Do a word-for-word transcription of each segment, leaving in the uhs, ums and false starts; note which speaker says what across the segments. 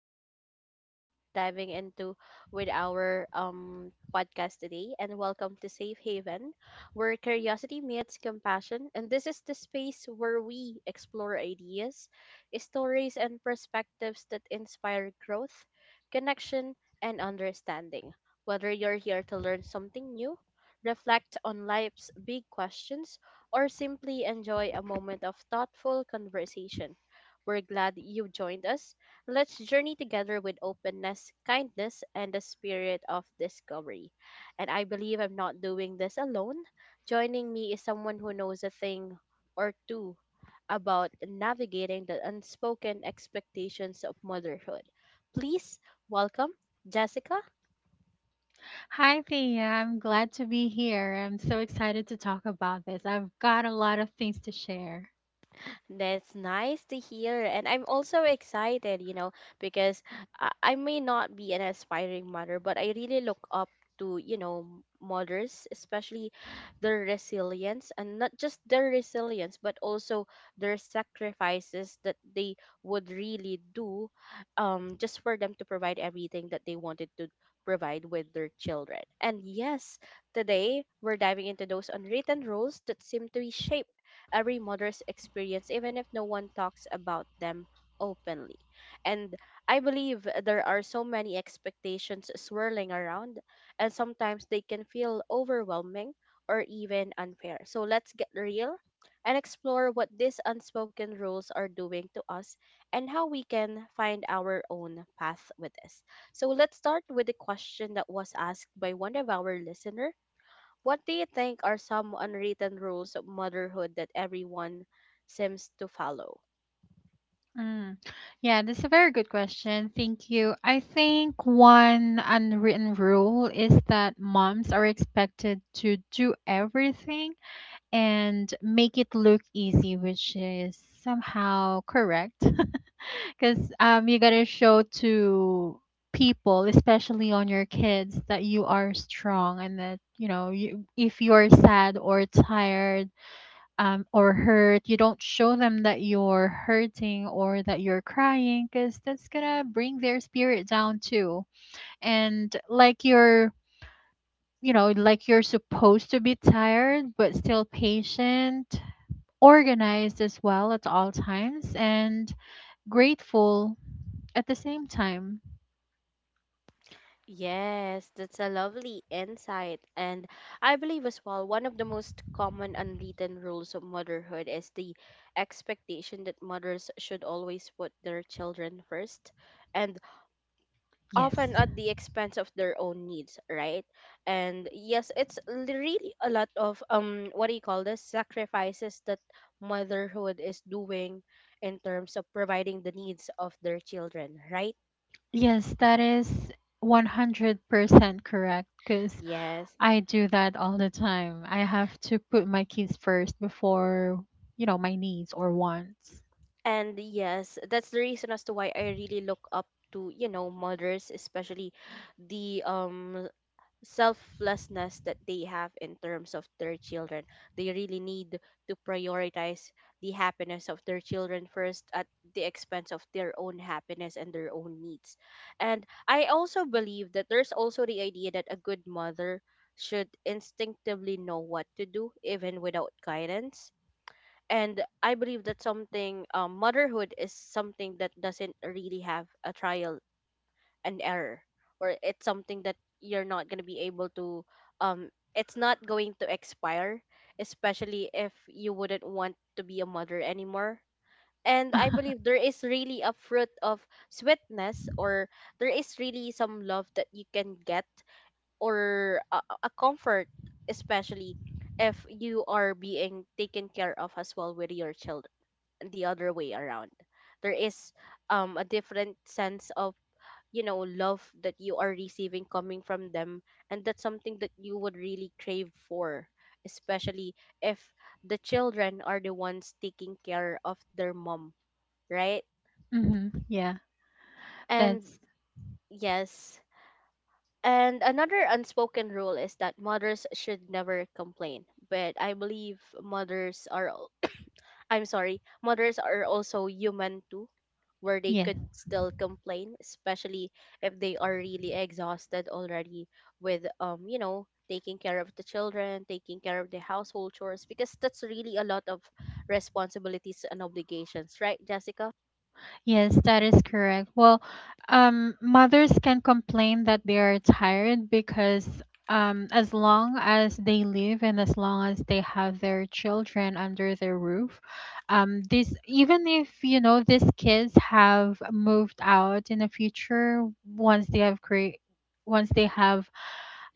Speaker 1: much for um you know diving into with our um podcast today, and welcome to Safe Haven, where curiosity meets compassion. And this is the space where we explore ideas, stories and perspectives that inspire growth, connection and understanding. Whether you're here to learn something new, reflect on life's big questions or simply enjoy a moment of thoughtful conversation, we're glad you joined us. Let's journey together with openness, kindness, and the spirit of discovery. And I believe I'm not doing this alone. Joining me is someone who knows a thing or two about navigating the unspoken expectations of motherhood. Please welcome Jessica.
Speaker 2: Hi, Thea. I'm glad to be here. I'm so excited to talk about this. I've got a lot of things to share.
Speaker 1: That's nice to hear. And I'm also excited, you know, because I, I may not be an aspiring mother, but I really look up to, you know, mothers, especially their resilience, and not just their resilience, but also their sacrifices that they would really do, um, just for them to provide everything that they wanted to provide with their children. And yes, today we're diving into those unwritten rules that seem to shape every mother's experience, even if no one talks about them openly. And I believe there are so many expectations swirling around, and sometimes they can feel overwhelming or even unfair. So let's get real and explore what these unspoken rules are doing to us and how we can find our own path with this. So let's start with the question that was asked by one of our listener. What do you think are some unwritten rules of motherhood that everyone seems to follow?
Speaker 2: Mm. Yeah, this is a very good question. Thank you. I think one unwritten rule is that moms are expected to do everything and make it look easy, which is somehow correct. Because um, you gotta show to people, especially on your kids, that you are strong and that you know you, if you're sad or tired um, or hurt, you don't show them that you're hurting or that you're crying, because that's gonna bring their spirit down too. And like you're, you know, like you're supposed to be tired but still patient, organized as well at all times, and grateful at the same time.
Speaker 1: Yes, that's a lovely insight. And I believe as well, one of the most common unwritten rules of motherhood is the expectation that mothers should always put their children first, and often
Speaker 2: Yes.
Speaker 1: at the expense of their own needs, right? And yes, it's l- really a lot of um what do you call this? Sacrifices that motherhood is doing in terms of providing the needs of their children, right?
Speaker 2: Yes, that is one hundred percent correct because
Speaker 1: Yes.
Speaker 2: I do that all the time. I have to put my kids first before, you know, my needs or wants.
Speaker 1: And yes, that's the reason as to why I really look up to, you know, mothers, especially the um selflessness that they have in terms of their children. They really need to prioritize the happiness of their children first, at the expense of their own happiness and their own needs. And I also believe that there's also the idea that a good mother should instinctively know what to do even without guidance. And I believe that something, um, motherhood is something that doesn't really have a trial and error, or it's something that you're not going to be able to um it's not going to expire, especially if you wouldn't want to be a mother anymore. And I believe there is really a fruit of sweetness, or there is really some love that you can get, or a, a a comfort, especially if you are being taken care of as well with your children the other way around. There is um a different sense of, you know, love that you are receiving coming from them, and that's something that you would really crave for, especially if the children are the ones taking care of their mom, right?
Speaker 2: hmm Yeah,
Speaker 1: And
Speaker 2: that's
Speaker 1: yes. And another unspoken rule is that mothers should never complain. But I believe mothers are I'm sorry, mothers are also human too, where they
Speaker 2: yes.
Speaker 1: could still complain, especially if they are really exhausted already with, um, you know, taking care of the children, taking care of the household chores, because that's really a lot of responsibilities and obligations, right, Jessica?
Speaker 2: Yes, that is correct. Well, um, mothers can complain that they are tired because um, as long as they live and as long as they have their children under their roof, um, this even if you know these kids have moved out in the future once they have create once they have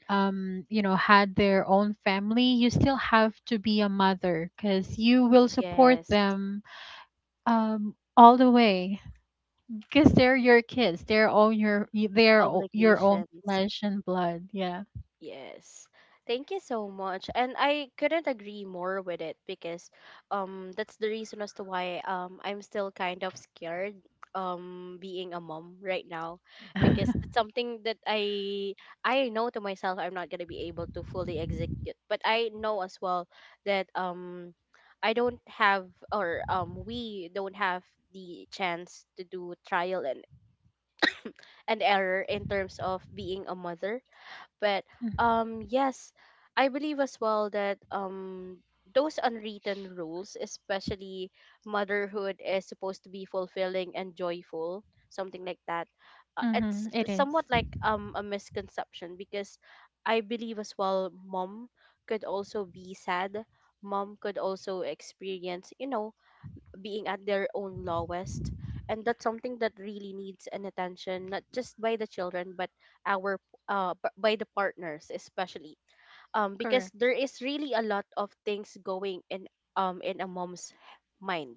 Speaker 2: um, you know had their own family, you still have to be a mother because you will support
Speaker 1: Yes,
Speaker 2: them um, all the way because they're your kids. They're all your y- they're all your own
Speaker 1: obligations.
Speaker 2: flesh and blood. Yeah.
Speaker 1: Yes. Thank you so much. And I couldn't agree more with it, because um that's the reason as to why um I'm still kind of scared um being a mom right now, because it's something that I I know to myself I'm not going to be able to fully execute. But I know as well that um I don't have, or um we don't have the chance to do trial and, and error in terms of being a mother. But
Speaker 2: Mm-hmm.
Speaker 1: um yes, I believe as well that um those unwritten rules, especially motherhood is supposed to be fulfilling and joyful, something like that. Uh, it's
Speaker 2: It
Speaker 1: somewhat
Speaker 2: is
Speaker 1: like um a misconception, because I believe as well mom could also be sad. Mom could also experience, you know, being at their own lowest, and that's something that really needs an attention, not just by the children but our uh, b- by the partners especially, um because
Speaker 2: correct.
Speaker 1: there is really a lot of things going in, um in a mom's mind.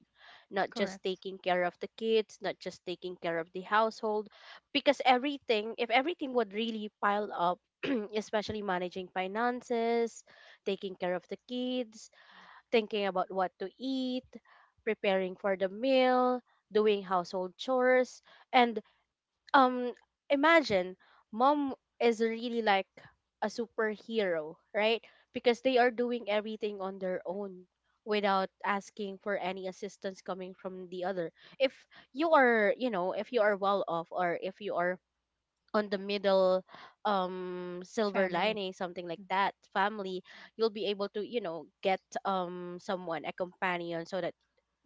Speaker 1: Not just
Speaker 2: Correct.
Speaker 1: taking care of the kids, not just taking care of the household, because everything, if everything would really pile up, especially managing finances, taking care of the kids, thinking about what to eat, preparing for the meal, doing household chores, and um imagine, mom is really like a superhero, right? Because they are doing everything on their own without asking for any assistance coming from the other. If you are, you know, if you are well off, or if you are on the middle um silver
Speaker 2: Family.
Speaker 1: lining something like that family, you'll be able to, you know, get um someone, a companion, so that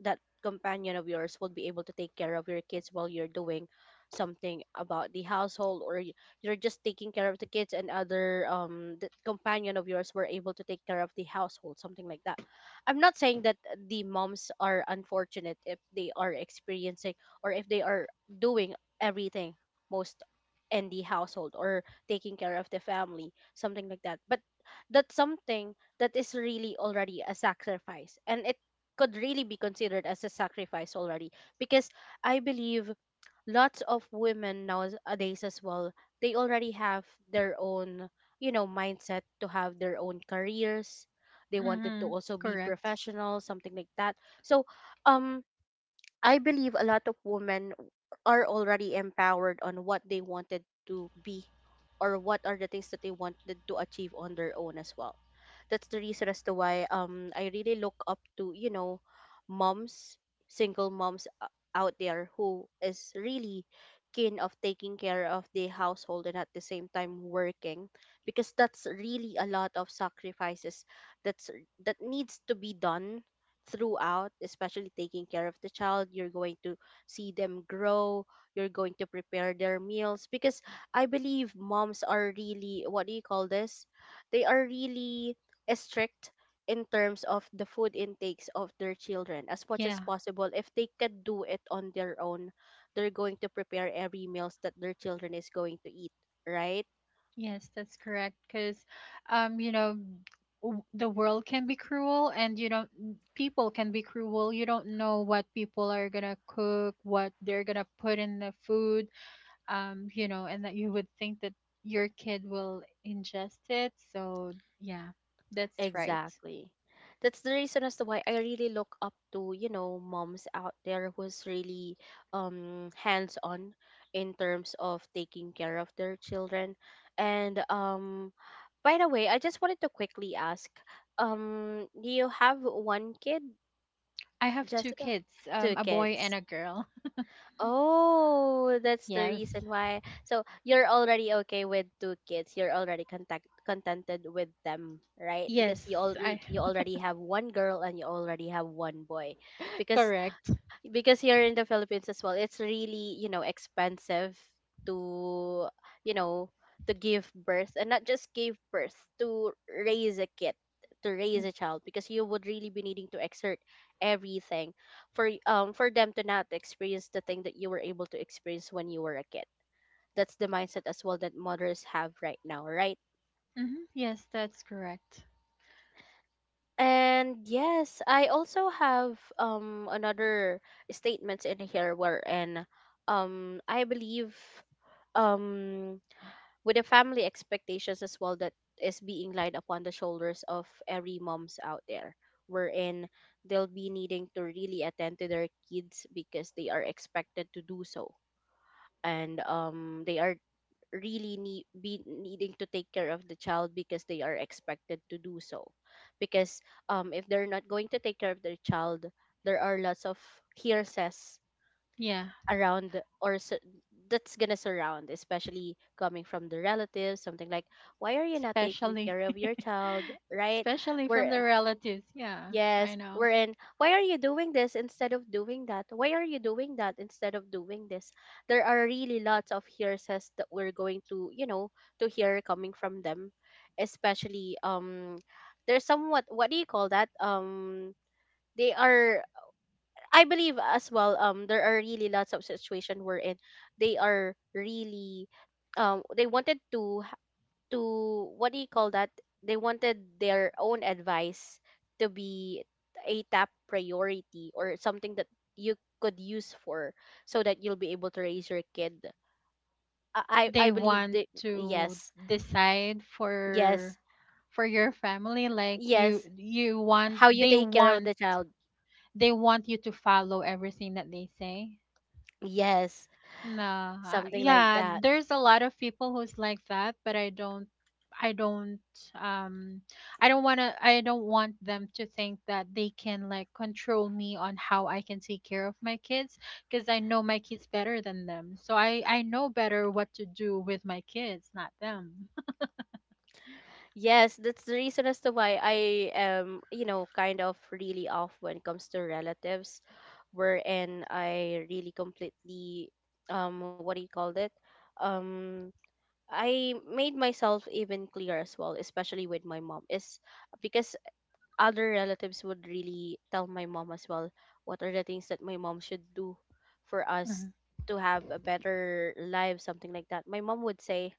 Speaker 1: that companion of yours will be able to take care of your kids while you're doing something about the household, or y- you're just taking care of the kids, and other, um the companion of yours were able to take care of the household, something like that. I'm not saying that the moms are unfortunate if they are experiencing, or if they are doing everything, most, in the household, or taking care of the family, something like that. But that's something that is really already a sacrifice, and it could really be considered as a sacrifice already, because I believe lots of women nowadays as well, they already have their own, you know, mindset to have their own careers. They wanted to
Speaker 2: Mm-hmm.
Speaker 1: also be
Speaker 2: Correct.
Speaker 1: professional, something like that. So um I believe a lot of women are already empowered on what they wanted to be, or what are the things that they wanted to achieve on their own as well. That's the reason as to why um I really look up to, you know, moms, single moms o- out there who is really keen of taking care of the household and at the same time working, because that's really a lot of sacrifices that's that needs to be done throughout, especially taking care of the child. You're going to see them grow. You're going to prepare their meals, because I believe moms are really, what do you call this? They are really strict in terms of the food intakes of their children. As much as
Speaker 2: Yeah.
Speaker 1: possible, if they could do it on their own, they're going to prepare every meals that their children is going to eat, right?
Speaker 2: Yes, that's correct. Because, um, you know, w- the world can be cruel, and you don't. People can be cruel. You don't know what people are gonna cook, what they're gonna put in the food. Um, you know, and that you would think that your kid will ingest it. So, yeah, that's right.
Speaker 1: Exactly. That's the reason as to why I really look up to, you know, moms out there who's really um hands on in terms of taking care of their children. And um by the way, I just wanted to quickly ask, um, do you have one kid,
Speaker 2: I have two
Speaker 1: Jessica?
Speaker 2: kids, um,
Speaker 1: Two
Speaker 2: a boy and
Speaker 1: kids.
Speaker 2: a girl.
Speaker 1: Oh, that's the
Speaker 2: Yes.
Speaker 1: reason why. So you're already okay with two kids. You're already contact contented with them, right?
Speaker 2: Yes,
Speaker 1: Because you all
Speaker 2: I
Speaker 1: you already have one girl and you already have one boy. Because
Speaker 2: correct.
Speaker 1: because here in the Philippines as well, it's really, you know, expensive to, you know, to give birth. And not just give birth, to raise a kid, to raise a child, because you would really be needing to exert everything for y- um for them to not experience the thing that you were able to experience when you were a kid. That's the mindset as well that mothers have right now, right?
Speaker 2: Mm-hmm. Yes, that's correct.
Speaker 1: And yes, I also have um another statements in here, wherein um I believe, um with the family expectations as well that is being laid upon the shoulders of every moms out there, wherein they'll be needing to really attend to their kids because they are expected to do so. And um they are really need be needing to take care of the child because they are expected to do so, because um if they're not going to take care of their child, there are lots of hearsays
Speaker 2: Yeah,
Speaker 1: around, or su- that's gonna surround, especially coming from the relatives, something like, why are you not taking
Speaker 2: especially
Speaker 1: care of your child, right?
Speaker 2: especially from
Speaker 1: we're
Speaker 2: the relatives. Yeah,
Speaker 1: Yes,
Speaker 2: I know.
Speaker 1: we're in. Why are you doing this instead of doing that? Why are you doing that instead of doing this? There are really lots of hearsays that we're going to, you know, to hear coming from them. Especially, um, there's somewhat, what do you call that? Um, they are, I believe as well, um, there are really lots of situation we're in. They are really, um, they wanted to to what do you call that? They wanted their own advice to be a top priority or something that you could use for so that you'll be able to raise your kid. I I
Speaker 2: They
Speaker 1: I believe
Speaker 2: want
Speaker 1: that
Speaker 2: to
Speaker 1: yes,
Speaker 2: decide for
Speaker 1: yes,
Speaker 2: for your family like you
Speaker 1: yes.
Speaker 2: you want
Speaker 1: How you
Speaker 2: they
Speaker 1: take care of
Speaker 2: want
Speaker 1: the child.
Speaker 2: they want you to follow everything that they say.
Speaker 1: Yes,
Speaker 2: Nah,
Speaker 1: something like
Speaker 2: yeah,
Speaker 1: that.
Speaker 2: there's a lot of people who's like that, but I don't, I don't, um, I don't wanna, I don't want them to think that they can like control me on how I can take care of my kids, because I know my kids better than them. So I, I know better what to do with my kids, not them.
Speaker 1: Yes, that's the reason as to why I am, you know, kind of really off when it comes to relatives, wherein I really completely, um, what do you call it? Um, I made myself even clear as well, especially with my mom, is because other relatives would really tell my mom as well what are the things that my mom should do for us
Speaker 2: Mhm.
Speaker 1: to have a better life, something like that. My mom would say,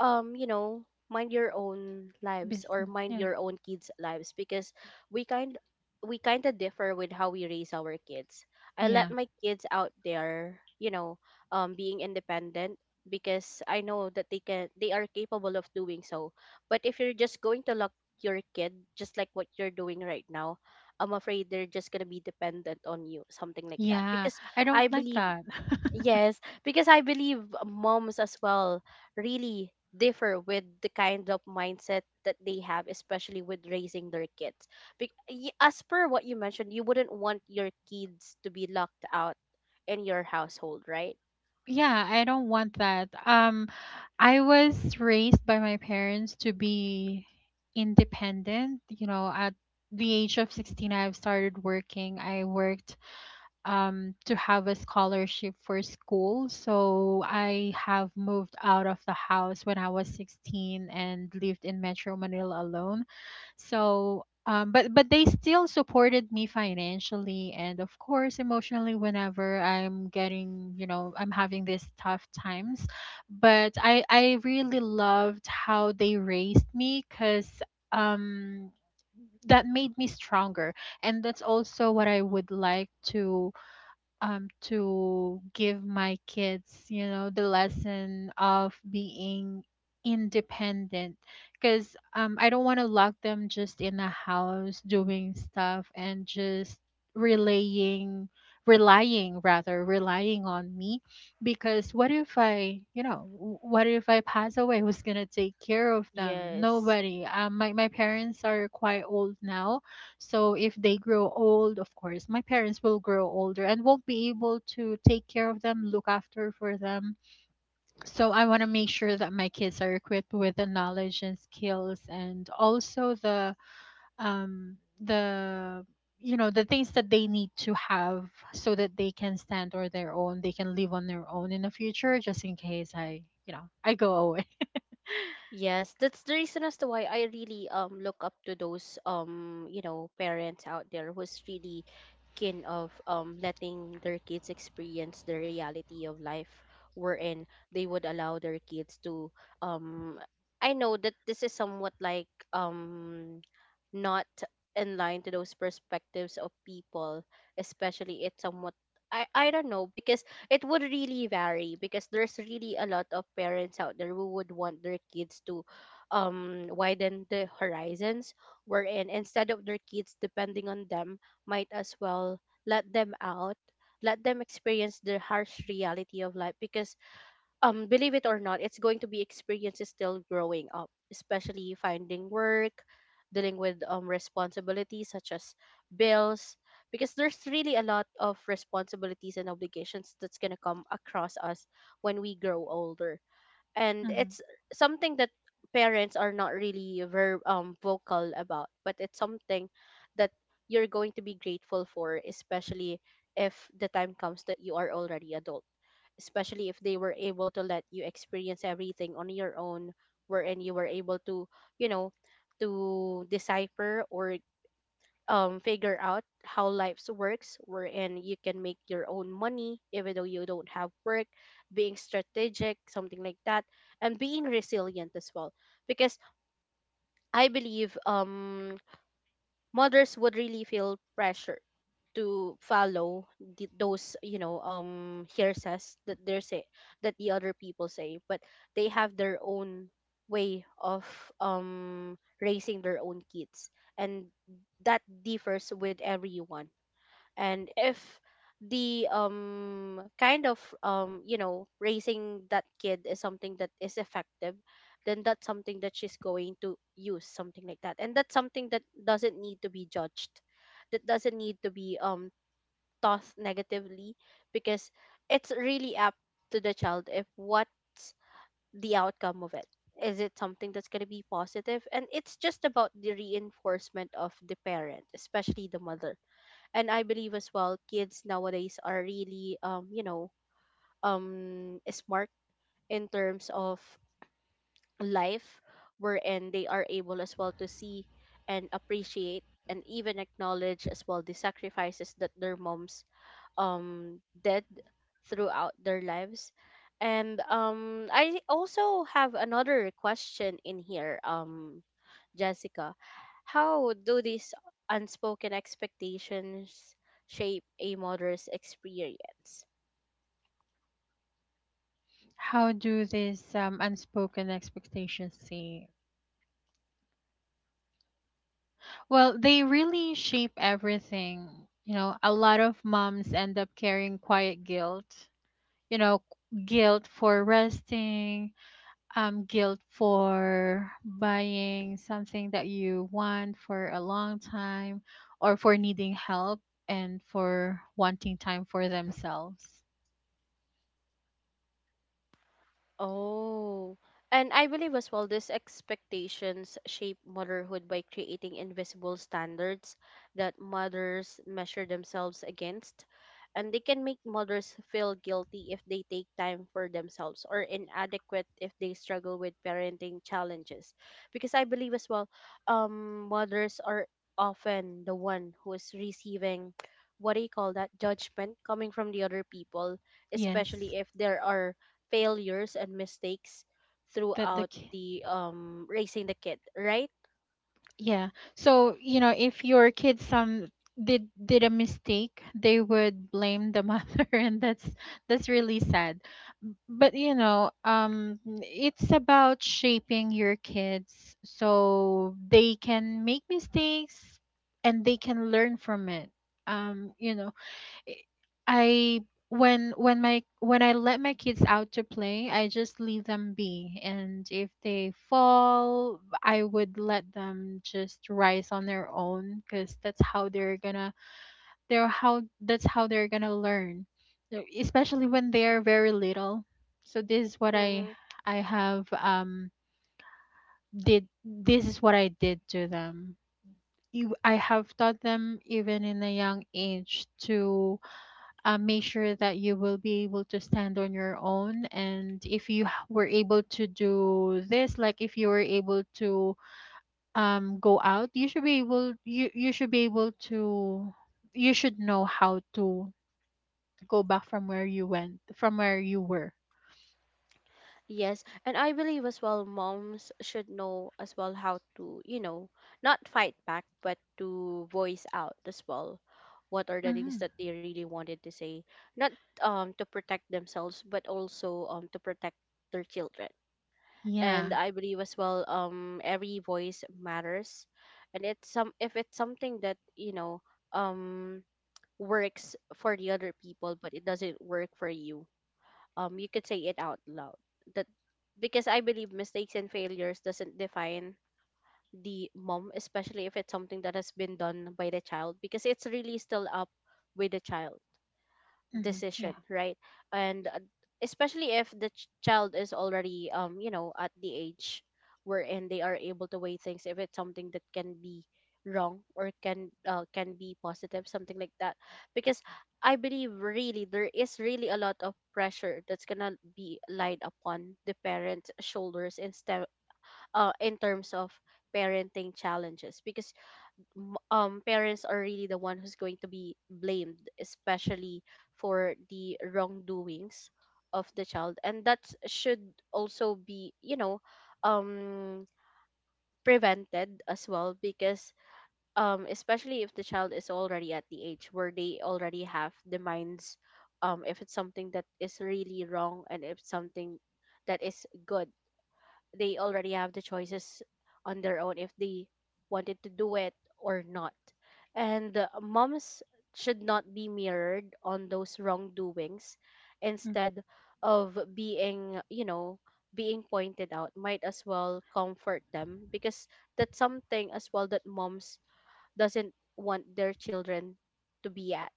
Speaker 1: um you know mind your own lives or
Speaker 2: Business,
Speaker 1: mind
Speaker 2: yeah,
Speaker 1: your own kids lives because we kind we kind of differ with how we raise our kids. I let
Speaker 2: yeah,
Speaker 1: my kids out there, you know um being independent, because I know that they can they are capable of doing so. But if you're just going to lock your kid just like what you're doing right now, I'm afraid they're just going to be dependent on you, something like that,
Speaker 2: yeah.
Speaker 1: because
Speaker 2: I don't
Speaker 1: I
Speaker 2: like
Speaker 1: believe,
Speaker 2: that.
Speaker 1: yes, because I believe moms as well really differ with the kind of mindset that they have, especially with raising their kids. Be- y- as per what you mentioned, you wouldn't want your kids to be locked out in your household, right?
Speaker 2: Yeah, I don't want that. Um, I was raised by my parents to be independent. You know, at the age of sixteen, I've started working. I worked um, to have a scholarship for school. So I have moved out of the house when I was sixteen and lived in Metro Manila alone. So, um, but but they still supported me financially and of course emotionally whenever I'm getting, you know, I'm having these tough times. But I I really loved how they raised me because um that made me stronger, and that's also what I would like to um to give my kids, you know, the lesson of being independent because um I don't want to lock them just in a house doing stuff and just relaying relying rather relying on me because what if I, you know, w- what if I pass away? Who's gonna take care of them?
Speaker 1: Yes.
Speaker 2: Nobody. um my, my parents are quite old now, so if they grow old, of course, my parents will grow older and won't be able to take care of them, look after for them. So I want to make sure that my kids are equipped with the knowledge and skills and also the um the, you know, the things that they need to have so that they can stand on their own, they can live on their own in the future just in case I, you know, I go away.
Speaker 1: Yes, that's the reason as to why I really um look up to those um you know parents out there who's really keen of um letting their kids experience the reality of life wherein they would allow their kids to, um I know that this is somewhat like, um not in line to those perspectives of people, especially it's somewhat, I, I don't know, because it would really vary, because there's really a lot of parents out there who would want their kids to um widen the horizons, wherein instead of their kids depending on them, might as well let them out, let them experience the harsh reality of life, because, um believe it or not, it's going to be experiences still growing up, especially finding work, dealing with um responsibilities such as bills, because there's really a lot of responsibilities and obligations that's going to come across us when we grow older. And
Speaker 2: Mhm.
Speaker 1: it's something that parents are not really very um vocal about, but it's something that you're going to be grateful for, especially if the time comes that you are already adult, especially if they were able to let you experience everything on your own, wherein you were able to, you know to decipher or um figure out how lives works, wherein you can make your own money even though you don't have work, being strategic, something like that, and being resilient as well. Because I believe, um mothers would really feel pressure to follow the, those you know um hearsays that they're say, that the other people say, but they have their own way of um raising their own kids, and that differs with everyone. And if the um kind of um you know raising that kid is something that is effective, then that's something that she's going to use, something like that, and that's something that doesn't need to be judged, that doesn't need to be um thought negatively, because it's really up to the child if what's the outcome of it. Is it something that's going to be positive positive? And it's just about the reinforcement of the parent, especially the mother. And I believe as well kids nowadays are really, um you know um smart in terms of life, wherein they are able as well to see and appreciate and even acknowledge as well the sacrifices that their moms um did throughout their lives. And um I also have another question in here, um Jessica. How do these unspoken expectations shape a mother's experience?
Speaker 2: How do these um, unspoken expectations see? Well, they really shape everything. You know, a lot of moms end up carrying quiet guilt. You know, guilt for resting, um, guilt for buying something that you want for a long time, or for needing help and for wanting time for themselves.
Speaker 1: Oh, and I believe as well these expectations shape motherhood by creating invisible standards that mothers measure themselves against, and they can make mothers feel guilty if they take time for themselves or inadequate if they struggle with parenting challenges. Because I believe as well, um, mothers are often the one who is receiving, what do you call that, judgment coming from the other people, especially
Speaker 2: Yes,
Speaker 1: if there are failures and mistakes
Speaker 2: that the
Speaker 1: throughout the um raising the kid, right?
Speaker 2: yeah. So, you know, if your kid some did did a mistake, they would blame the mother and that's that's really sad. B- But you know, um it's about shaping your kids so they can make mistakes and they can learn from it. Um, you know, I when when my when I let my kids out to play, I just leave them be. And if they fall, I would let them just rise on their own because that's how they're gonna they're how that's how they're gonna learn. So, especially when they're very little. So this is what I
Speaker 1: Mm-hmm.
Speaker 2: I have um did this is what I did to them. You- I have taught them even in a young age to uh, make sure that you will be able to stand on your own. And if you h- were able to do this, like if you were able to um, go out, you should be able you you should be able to, you should know how to go back from where you went, from where you were.
Speaker 1: Yes, and I believe as well moms should know as well how to, you know, not fight back, but to voice out as well what are the things
Speaker 2: Hmm
Speaker 1: that they really wanted to say, not um to protect themselves, but also um to protect their children. And
Speaker 2: Yeah.
Speaker 1: I believe as well um every voice matters. And it's some, if it's something that you know um works for the other people but it doesn't work for you, um you could say it out loud, that, because I believe mistakes and failures doesn't define the mom, especially if it's something that has been done by the child, because it's really still up with the child
Speaker 2: hmm
Speaker 1: decision,
Speaker 2: Yeah.
Speaker 1: right? And uh, especially if the ch- child is already, um you know at the age wherein they are able to weigh things, if it's something that can be wrong or can, uh, can be positive, something like that, because I believe really there is really a lot of pressure that's gonna be laid upon the parents shoulders, instead, uh in terms of parenting challenges, because m- um parents are really the one who's going to be blamed, especially for the wrongdoings of the child, and that should also be, you know um prevented as well, because, um especially if the child is already at the age where they already have the minds, um if it's something that is really wrong and if something that is good, they already have the choices on their own if they wanted to do it or not. And uh, moms should not be mirrored on those wrongdoings.
Speaker 2: Mm.
Speaker 1: Instead of being, you know, being pointed out, might as well comfort them, because that's something as well that moms doesn't want their children to be at,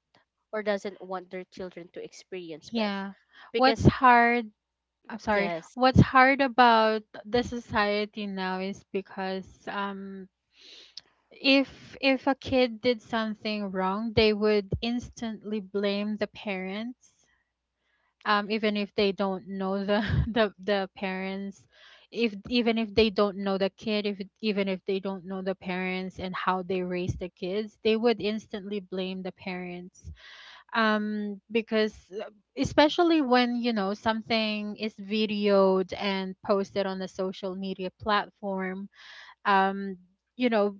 Speaker 1: or doesn't want their children to experience with,
Speaker 2: Yeah. What's
Speaker 1: because
Speaker 2: hard? I'm sorry.
Speaker 1: yes,
Speaker 2: What's hard about the society now is because um if if a kid did something wrong, they would instantly blame the parents, um, even if they don't know the the, the parents, if even if they don't know the kid, if even if they don't know the parents and how they raise the kids, they would instantly blame the parents, um, because uh, especially when you know something is videoed and posted on a social media platform, um, you know,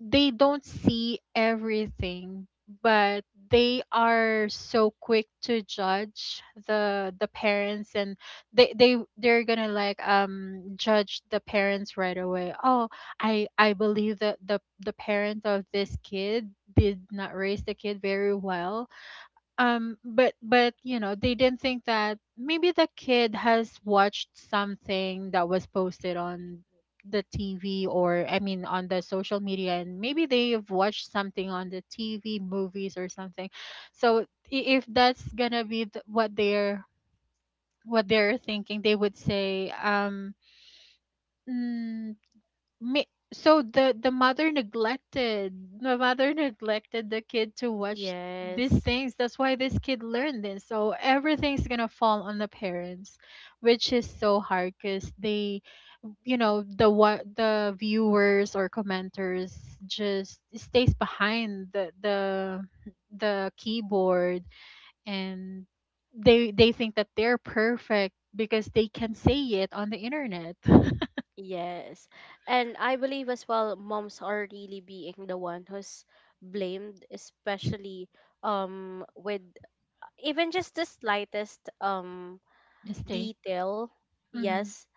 Speaker 2: they don't see everything, but they are so quick to judge the the parents, and they they they're gonna like um judge the parents right away. Oh, i i believe that the the parent of this kid did not raise the kid very well. Um but but you know they didn't think that maybe the kid has watched something that was posted on the T V, or I mean on the social media, and maybe they've watched something on the T V movies or something. So i- if that's going to be th- what they're, what they're thinking, they would say, um "Hmm, me, so the the mother neglected, the mother neglected the kid to watch these
Speaker 1: yes.
Speaker 2: things. That's why this kid learned this." So everything's gonna fall on the parents, which is so hard because they, you know, the, what the viewers or commenters just stays behind the the the keyboard, and they they think that they're perfect because they can say it on the internet.
Speaker 1: Yes. And I believe as well moms are really being the one who's blamed, especially um with even just the slightest um
Speaker 2: Mistake.
Speaker 1: detail,
Speaker 2: Mm-hmm.
Speaker 1: yes.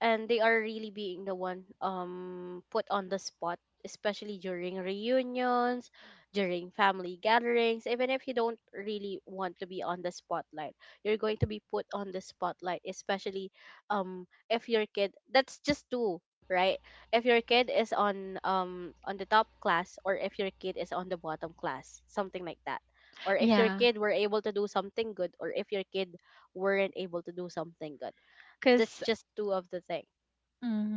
Speaker 1: And they are really being the one um put on the spot, especially during reunions, during family gatherings. Even if you don't really want to be on the spotlight, you're going to be put on the spotlight, especially um if your kid, that's just two, right? If your kid is on, um on the top class, or if your kid is on the bottom class, something like that, or if your
Speaker 2: Yeah.
Speaker 1: kid were able to do something good, or if your kid weren't able to do something good. That's
Speaker 2: Because
Speaker 1: just two of the thing.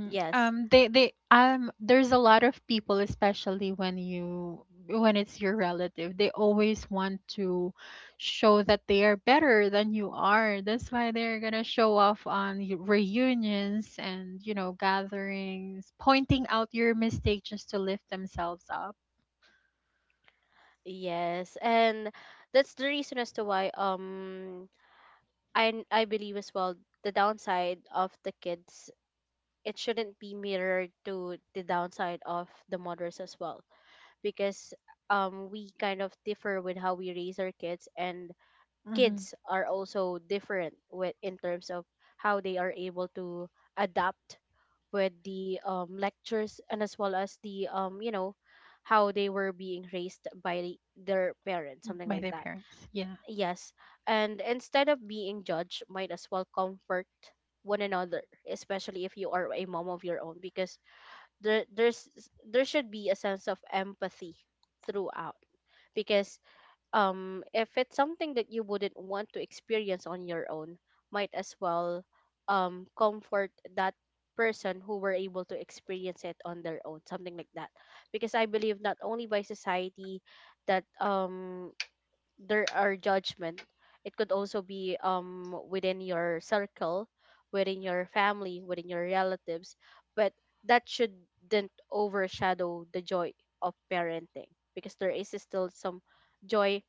Speaker 1: Yes.
Speaker 2: um they they um there's a lot of people, especially when you when it's your relative, they always want to show that they are better than you are. That's why they're gonna show off on y- reunions and, you know, gatherings, pointing out your mistake just to lift themselves up.
Speaker 1: Yes. And that's the reason as to why, um I I believe as well the downside of the kids, it shouldn't be mirrored to the downside of the mothers as well, because, um we kind of differ with how we raise our kids, and
Speaker 2: Hmm
Speaker 1: kids are also different with in terms of how they are able to adapt with the, um, lectures, and as well as the, um, you know how they were being raised by the- their parents, something
Speaker 2: By
Speaker 1: like
Speaker 2: their
Speaker 1: that,
Speaker 2: parents, yeah.
Speaker 1: yes. And instead of being judged, might as well comfort one another, especially if you are a mom of your own, because there there's there should be a sense of empathy throughout, because, um, if it's something that you wouldn't want to experience on your own, might as well, um, comfort that person who were able to experience it on their own, something like that. Because I believe not only by society that, um, there are judgment, it could also be, um, within your circle, within your family, within your relatives, but that shouldn't overshadow the joy of parenting, because there is still some joy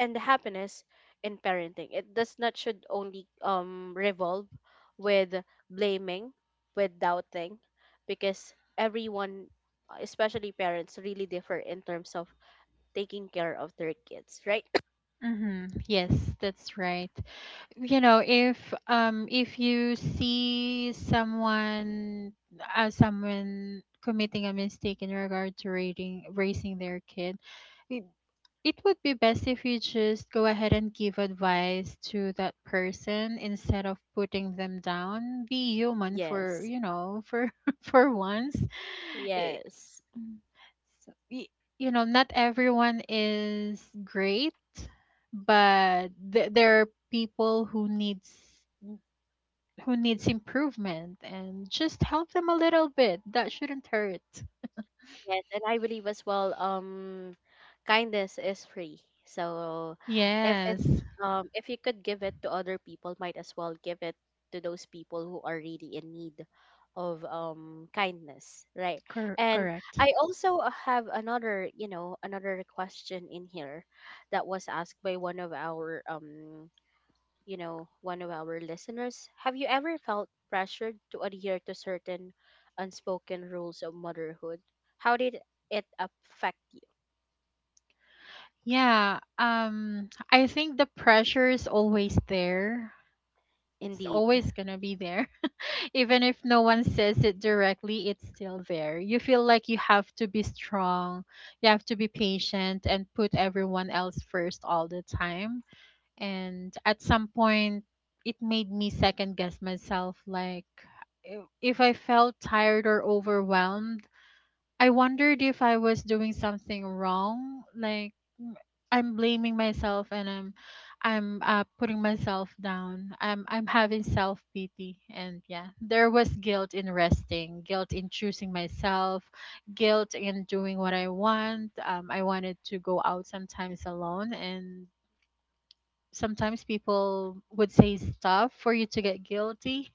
Speaker 1: and the happiness in parenting. It does not should only um revolve with blaming, with doubting, because everyone, uh, especially parents, really differ in terms of taking care of their kids, right?
Speaker 2: hmm Yes, that's right. You know, if um if you see someone as someone committing a mistake in regard to raising raising their kid, it, it would be best if you just go ahead and give advice to that person instead of putting them down. Be human for,
Speaker 1: Yes,
Speaker 2: you know, for for once.
Speaker 1: yes,
Speaker 2: Mm. So, y- you know, not everyone is great, but th- there are people who needs who needs improvement, and just help them a little bit. That shouldn't hurt.
Speaker 1: yes, and I believe as well, um, kindness is free. So if it's
Speaker 2: Yes.
Speaker 1: um if you could give it to other people, might as well give it to those people who are really in need of um kindness, right?
Speaker 2: Cor-
Speaker 1: And
Speaker 2: correct.
Speaker 1: I also have another, you know, another question in here that was asked by one of our, um you know, one of our listeners. Have you ever felt pressured to adhere to certain unspoken rules of motherhood? How did it affect you?
Speaker 2: Yeah, um I think the pressure is always there. It's
Speaker 1: Indeed.
Speaker 2: always going to be there. Even if no one says it directly, it's still there. You feel like you have to be strong, you have to be patient, and put everyone else first all the time. And at some point, it made me second guess myself, like, if if I felt tired or overwhelmed, I wondered if I was doing something wrong. Like mm, I'm blaming myself, and I'm I'm uh, putting myself down. I'm I'm having self pity, and yeah, there was guilt in resting, guilt in choosing myself, guilt in doing what I want. Um, I wanted to go out sometimes alone, and sometimes people would say stuff for you to get guilty.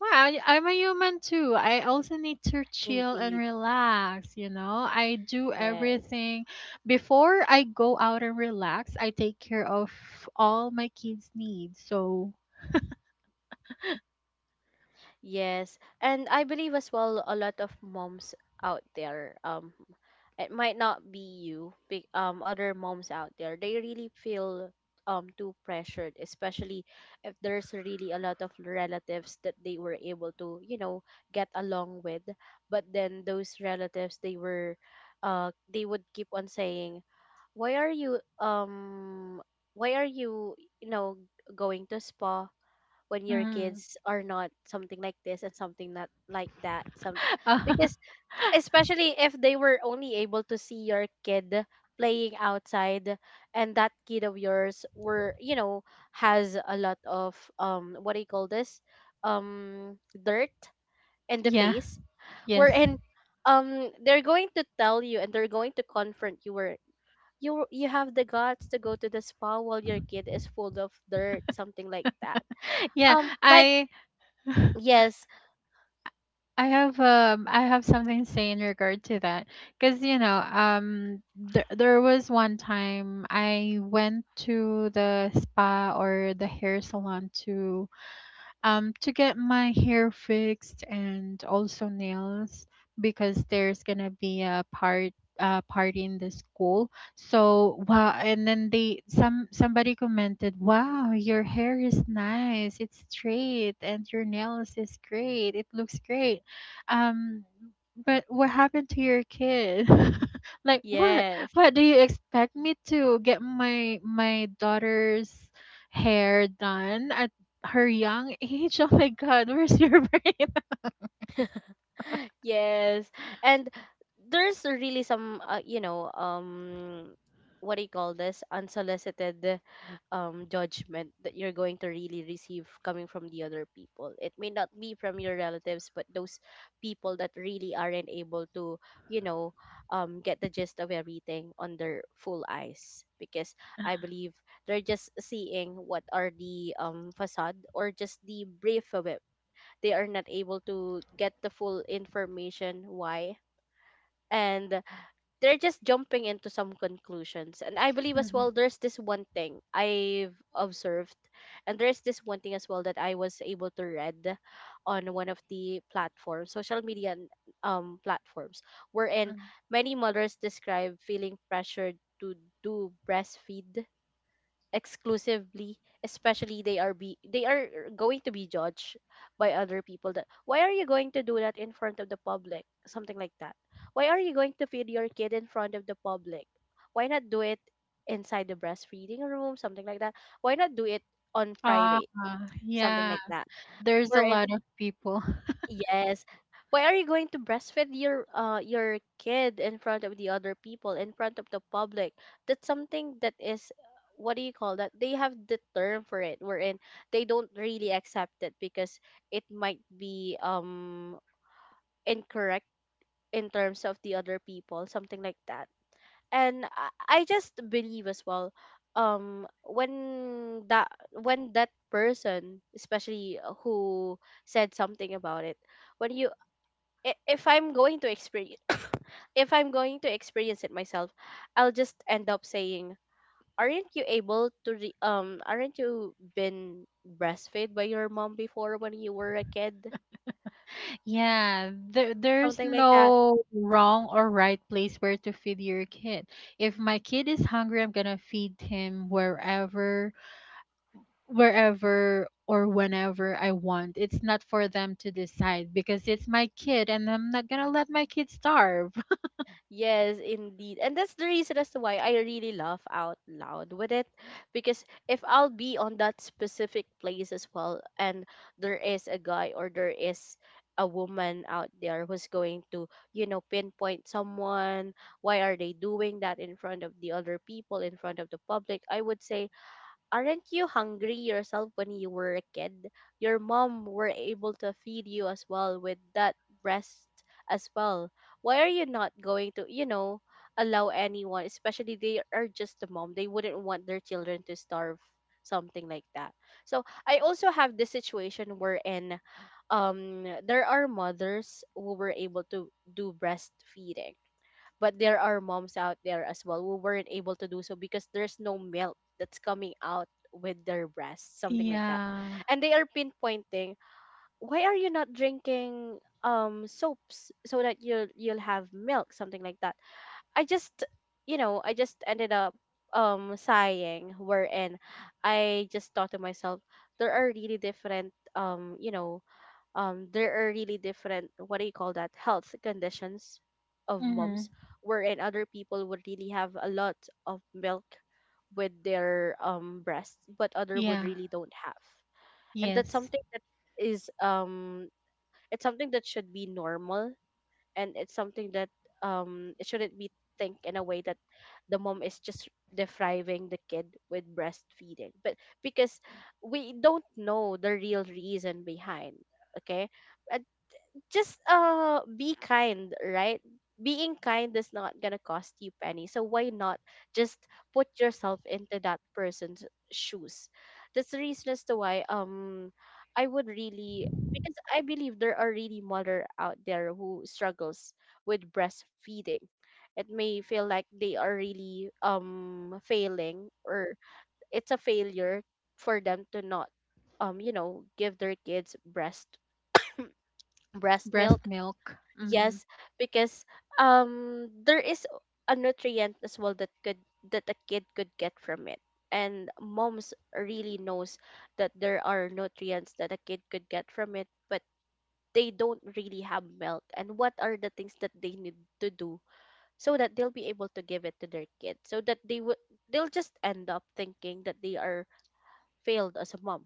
Speaker 2: Well, I, I'm a human too. I also need to chill and
Speaker 1: Indeed.
Speaker 2: relax, you know. I do
Speaker 1: Yes.
Speaker 2: everything before I go out and relax. I take care of all my kids' needs. So,
Speaker 1: Yes, and I believe as well a lot of moms out there um it might not be you big um other moms out there, they really feel um too pressured, especially if there's really a lot of relatives that they were able to, you know, get along with, but then those relatives, they were uh they would keep on saying, why are you um why are you, you know, going to spa when your
Speaker 2: mhm.
Speaker 1: kids are not something like this and something not like that some
Speaker 2: Uh,
Speaker 1: because, especially if they were only able to see your kid playing outside, and that kid of yours were, you know, has a lot of um what do you call this, um dirt in the
Speaker 2: yeah,
Speaker 1: face,
Speaker 2: yes.
Speaker 1: wherein um they're going to tell you and they're going to confront you where you you have the guts to go to the spa while your kid is full of dirt, something like that,
Speaker 2: Yeah,
Speaker 1: um like
Speaker 2: I
Speaker 1: yes.
Speaker 2: I have um I have something to say in regard to that because you know um there there was one time I went to the spa or the hair salon to um, to get my hair fixed and also nails because there's gonna be a part uh, party in the school. So wow, and then they some somebody commented, "Wow, your hair is nice. It's straight, and your nails is great. It looks great." Um, but what happened to your kid? Like what?
Speaker 1: Yes.
Speaker 2: What do you expect me to get my my daughter's hair done at her young age? Oh my God, where's your brain?
Speaker 1: Yes. And there's really some uh, you know, um what do you call this? Unsolicited um judgment that you're going to really receive coming from the other people. It may not be from your relatives, but those people that really aren't able to, you know, um get the gist of everything on their full eyes, because I believe they're just seeing what are the um facade or just the brief of it. They are not able to get the full information why, and they're just jumping into some conclusions. And I believe as
Speaker 2: Mhm,
Speaker 1: well, there's this one thing I've observed, and there's this one thing as well that I was able to read on one of the platforms, social media, and, um platforms wherein
Speaker 2: mhm.
Speaker 1: many mothers describe feeling pressured to do breastfeed exclusively, especially they are be they are going to be judged by other people that why are you going to do that in front of the public, something like that. Why are you going to feed your kid in front of the public? Why not do it inside the breastfeeding room, something like that? Why not do it on
Speaker 2: Ah,
Speaker 1: private, something
Speaker 2: yeah.
Speaker 1: like that
Speaker 2: There's a
Speaker 1: where.
Speaker 2: lot of people.
Speaker 1: Yes. Why are you going to breastfeed your uh your kid in front of the other people, in front of the public? That's something that is, what do you call that? They have the term for it, wherein they don't really accept it because it might be um incorrect in terms of the other people, something like that. And I, I just believe as well, um when that when that person especially who said something about it, when you I- if I'm going to experience if I'm going to experience it myself, I'll just end up saying, "Aren't you able to re- um aren't you been breastfed by your mom before when you were a kid?"
Speaker 2: Yeah, there, there's
Speaker 1: Something like that.
Speaker 2: no wrong or right place where to feed your kid. If my kid is hungry, I'm gonna feed him wherever, wherever or whenever I want. It's not for them to decide because it's my kid and I'm not gonna let my kid starve.
Speaker 1: Yes, indeed. And that's the reason as to why I really laugh out loud with it. Because if I'll be on that specific place as well, and there is a guy or there is a woman out there who's going to, you know, pinpoint someone, why are they doing that in front of the other people, in front of the public? I would say, aren't you hungry yourself when you were a kid? Your mom were able to feed you as well with that breast as well. Why are you not going to, you know, allow anyone, especially they are just a mom, they wouldn't want their children to starve, something like that. So I also have this situation wherein um there are mothers who were able to do breastfeeding, but there are moms out there as well who weren't able to do so because there's no milk that's coming out with their breasts, something like that,
Speaker 2: Yeah.
Speaker 1: and they are pinpointing, why are you not drinking um soaps so that you'll you'll have milk, something like that. I just, you know, I just ended up um sighing, wherein I just thought to myself, there are really different um you know, um there are really different, what do you call that, health conditions of
Speaker 2: Mm-hmm.
Speaker 1: moms, wherein other people would really have a lot of milk with their um breasts, but other would
Speaker 2: Yeah.
Speaker 1: really don't have. And that's
Speaker 2: Yes.
Speaker 1: something that is um it's something that should be normal, and it's something that um it shouldn't be think in a way that the mom is just depriving the kid with breastfeeding, but because we don't know the real reason behind. Okay. uh, just uh be kind, right? Being kind is not gonna cost you penny. So why not just put yourself into that person's shoes? That's the reason as to why um I would really, because I believe there are really mother out there who struggles with breastfeeding. It may feel like they are really um failing, or it's a failure for them to not um you know, give their kids breast breast
Speaker 2: Breast
Speaker 1: milk.
Speaker 2: milk. Hmm.
Speaker 1: Yes, because um there is a nutrient as well that could that a kid could get from it. And moms really knows that there are nutrients that a kid could get from it, but they don't really have milk. And what are the things that they need to do so that they'll be able to give it to their kid? So that they would they'll just end up thinking that they are failed as a mom,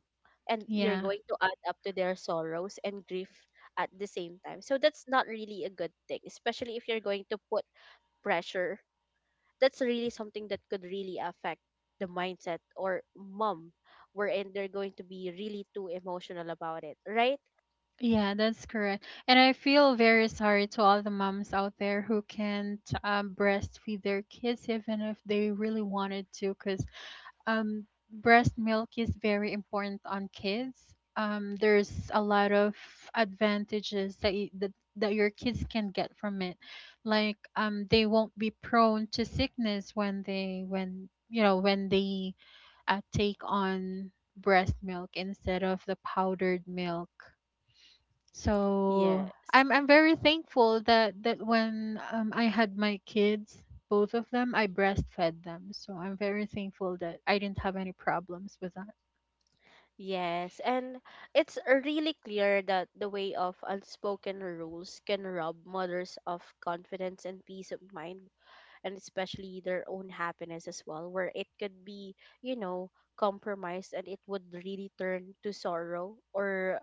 Speaker 1: and you're
Speaker 2: Yeah.
Speaker 1: going to add up to their sorrows and grief at the same time. So that's not really a good thing, especially if you're going to put pressure. That's really something that could really affect the mindset or mom, wherein they're going to be really too emotional about it, right?
Speaker 2: Yeah, that's correct. And I feel very sorry to all the moms out there who can't um, breastfeed their kids, even if they really wanted to, because um, breast milk is very important on kids. Um, there's a lot of advantages that, y- that that your kids can get from it, like um, they won't be prone to sickness when they when you know when they uh, take on breast milk instead of the powdered milk. So
Speaker 1: Yes.
Speaker 2: I'm I'm very thankful that that when um, I had my kids, both of them, I breastfed them. So I'm very thankful that I didn't have any problems with that.
Speaker 1: Yes, and it's really clear that the way of unspoken rules can rob mothers of confidence and peace of mind, and especially their own happiness as well, where it could be, you know, compromised, and it would really turn to sorrow, or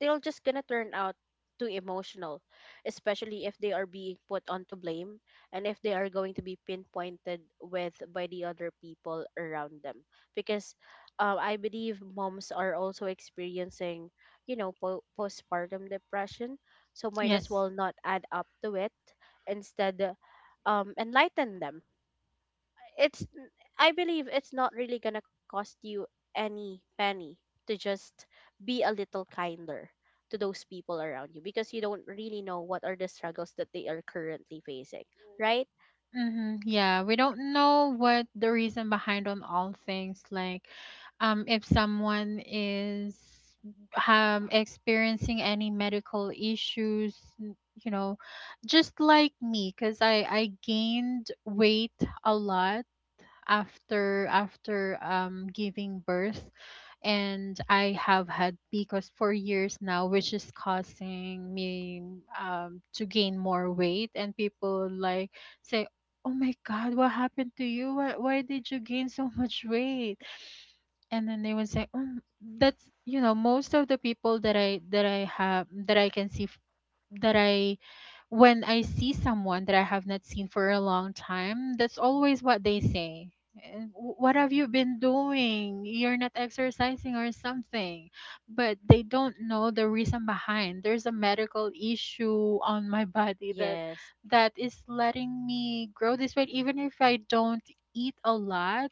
Speaker 1: they will just gonna turn out too emotional, especially if they are being put onto blame, and if they are going to be pinpointed with by the other people around them. Because uh, I believe moms are also experiencing, you know, po- postpartum depression, so might as
Speaker 2: Yes.
Speaker 1: well not add up to it. Instead, um, enlighten them. It's, I believe it's not really gonna cost you any penny to just be a little kinder to those people around you, because you don't really know what are the struggles that they are currently facing, right?
Speaker 2: Mm-hmm. Yeah, we don't know what the reason behind on all things. Like, um, if someone is um experiencing any medical issues, n- you know, just like me, because I I gained weight a lot after after um giving birth and I have had P C O S for years now, which is causing me um, to gain more weight. And people like say, "Oh my God, what happened to you? Why, why did you gain so much weight?" And then they would say, oh, that's you know most of the people that I that I have that I can see that I when I see someone that I have not seen for a long time, that's always what they say. "Eh, wh- what have you been doing? You're not exercising or something. But they don't know the reason behind. There's a medical issue on my body that
Speaker 1: Yes,
Speaker 2: that is letting me grow this weight even if I don't eat a lot.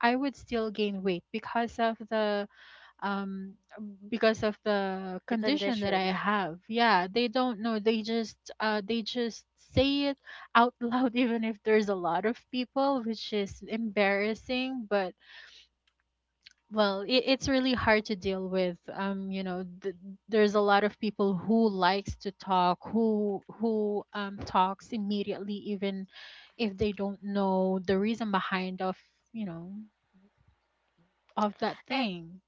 Speaker 2: I would still gain weight because of the um because of the
Speaker 1: the
Speaker 2: condition that I
Speaker 1: condition.
Speaker 2: have. Yeah, they don't know. They just uh they just say it out loud even if there's a lot of people, which is embarrassing, but well, it, it's really hard to deal with. Um, you know, th- there's a lot of people who likes to talk, who who um talks immediately even if they don't know the reason behind of, you know, of that
Speaker 1: And
Speaker 2: thing.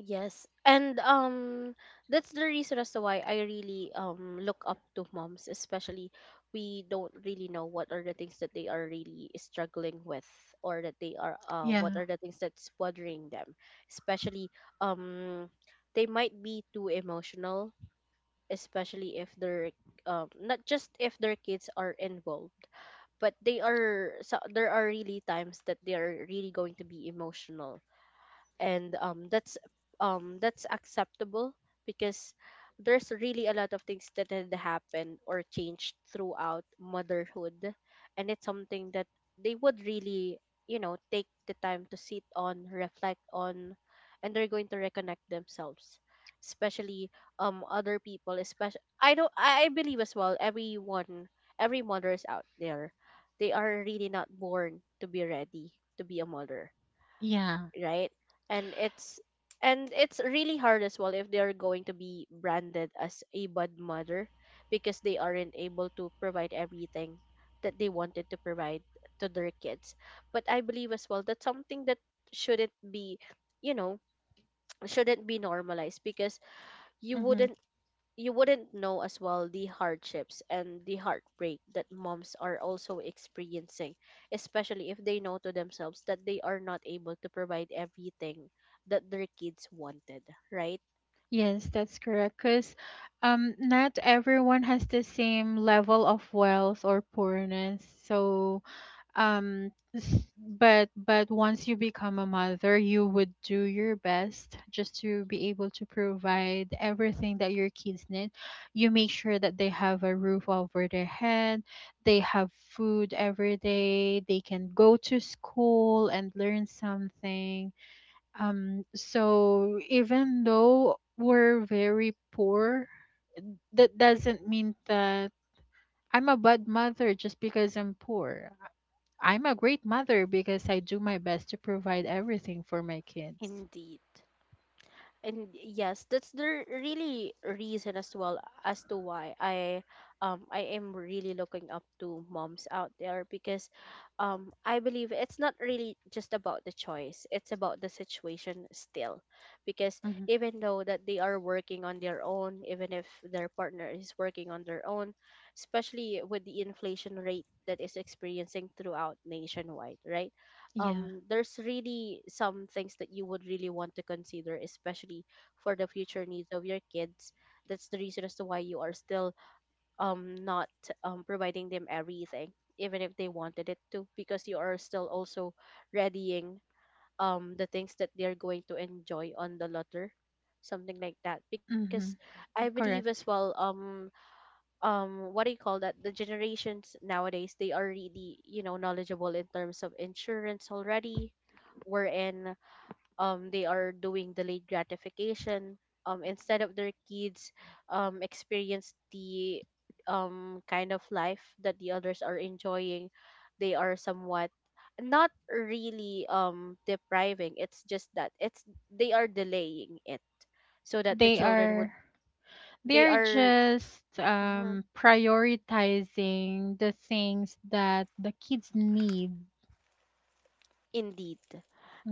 Speaker 1: yes. And um that's the reason as to why I really um look up to moms, especially we don't really know what are the things that they are really struggling with, or that they are uh what
Speaker 2: Yeah.
Speaker 1: are the things that's bothering them. Especially um they might be too emotional, especially if they're um not just if their kids are involved, but they are, so there are really times that they are really going to be emotional. And um that's um that's acceptable, because there's really a lot of things that had happened or changed throughout motherhood, and it's something that they would really, you know, take the time to sit on, reflect on, and they're going to reconnect themselves. Especially um other people, especially I don't I I believe as well everyone, every mothers out there, they are really not born to be ready to be a mother,
Speaker 2: Yeah.
Speaker 1: right? And it's, and it's really hard as well if they are going to be branded as a bad mother because they aren't able to provide everything that they wanted to provide to their kids. But I believe as well that's something that shouldn't be, you know, shouldn't be normalized, because you
Speaker 2: Mhm.
Speaker 1: wouldn't you wouldn't know as well the hardships and the heartbreak that moms are also experiencing, especially if they know to themselves that they are not able to provide everything that their kids wanted, right?
Speaker 2: Yes, that's correct. Because um, not everyone has the same level of wealth or poorness. So um, s- but but once you become a mother, you would do your best just to be able to provide everything that your kids need. You make sure that they have a roof over their head, they have food every day, they can go to school and learn something um, so even though we're very poor, that doesn't mean that I'm a bad mother just because I'm poor. I'm a great mother because I do my best to provide everything for my kids.
Speaker 1: Indeed. And yes, that's the r- really reason as well as to why i um i am really looking up to moms out there because um I believe it's not really just about the choice, it's about the situation still, because
Speaker 2: Hmm.
Speaker 1: even though that they are working on their own, even if their partner is working on their own, especially with the inflation rate that is experiencing throughout nationwide, right,
Speaker 2: Yeah.
Speaker 1: um there's really some things that you would really want to consider, especially for the future needs of your kids. That's the reason as to why you are still um not um providing them everything even if they wanted it to, because you are still also readying um the things that they're going to enjoy on the latter, something like that.
Speaker 2: Hmm.
Speaker 1: Because I believe as
Speaker 2: Correct.
Speaker 1: well, um um what do you call that, the generations nowadays, they are really, you know, knowledgeable in terms of insurance already, wherein um they are doing delayed gratification. Um instead of their kids um experience the um kind of life that the others are enjoying, they are somewhat not really um depriving, it's just that it's they are delaying it so that the
Speaker 2: They
Speaker 1: children would.
Speaker 2: are they
Speaker 1: They
Speaker 2: are
Speaker 1: are.
Speaker 2: just
Speaker 1: Mhm.
Speaker 2: um, prioritizing the things that the kids need.
Speaker 1: Indeed.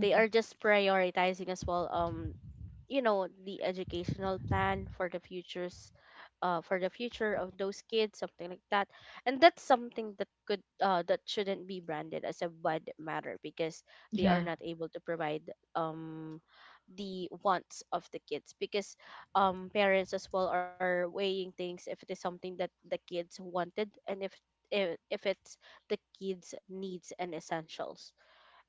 Speaker 1: They are just prioritizing as well, um you know, the educational plan for the futures, uh for the future of those kids, something like that. And that's something that could uh that shouldn't be branded as a bad matter, because they are
Speaker 2: Yeah.
Speaker 1: not able to provide um the wants of the kids, because um parents as well are weighing things if it is something that the kids wanted, and if if, if it's the kids needs and essentials.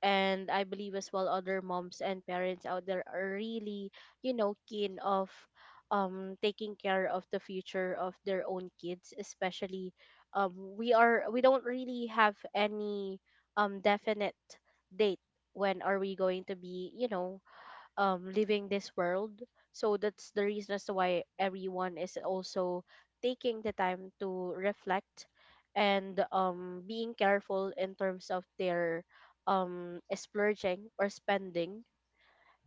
Speaker 1: And I believe as well, other moms and parents out there are really, you know, keen of um taking care of the future of their own kids, especially um we are we don't really have any um definite date when are we going to be, you know, um leaving this world. So that's the reason as to why everyone is also taking the time to reflect, and um being careful in terms of their um splurging or spending.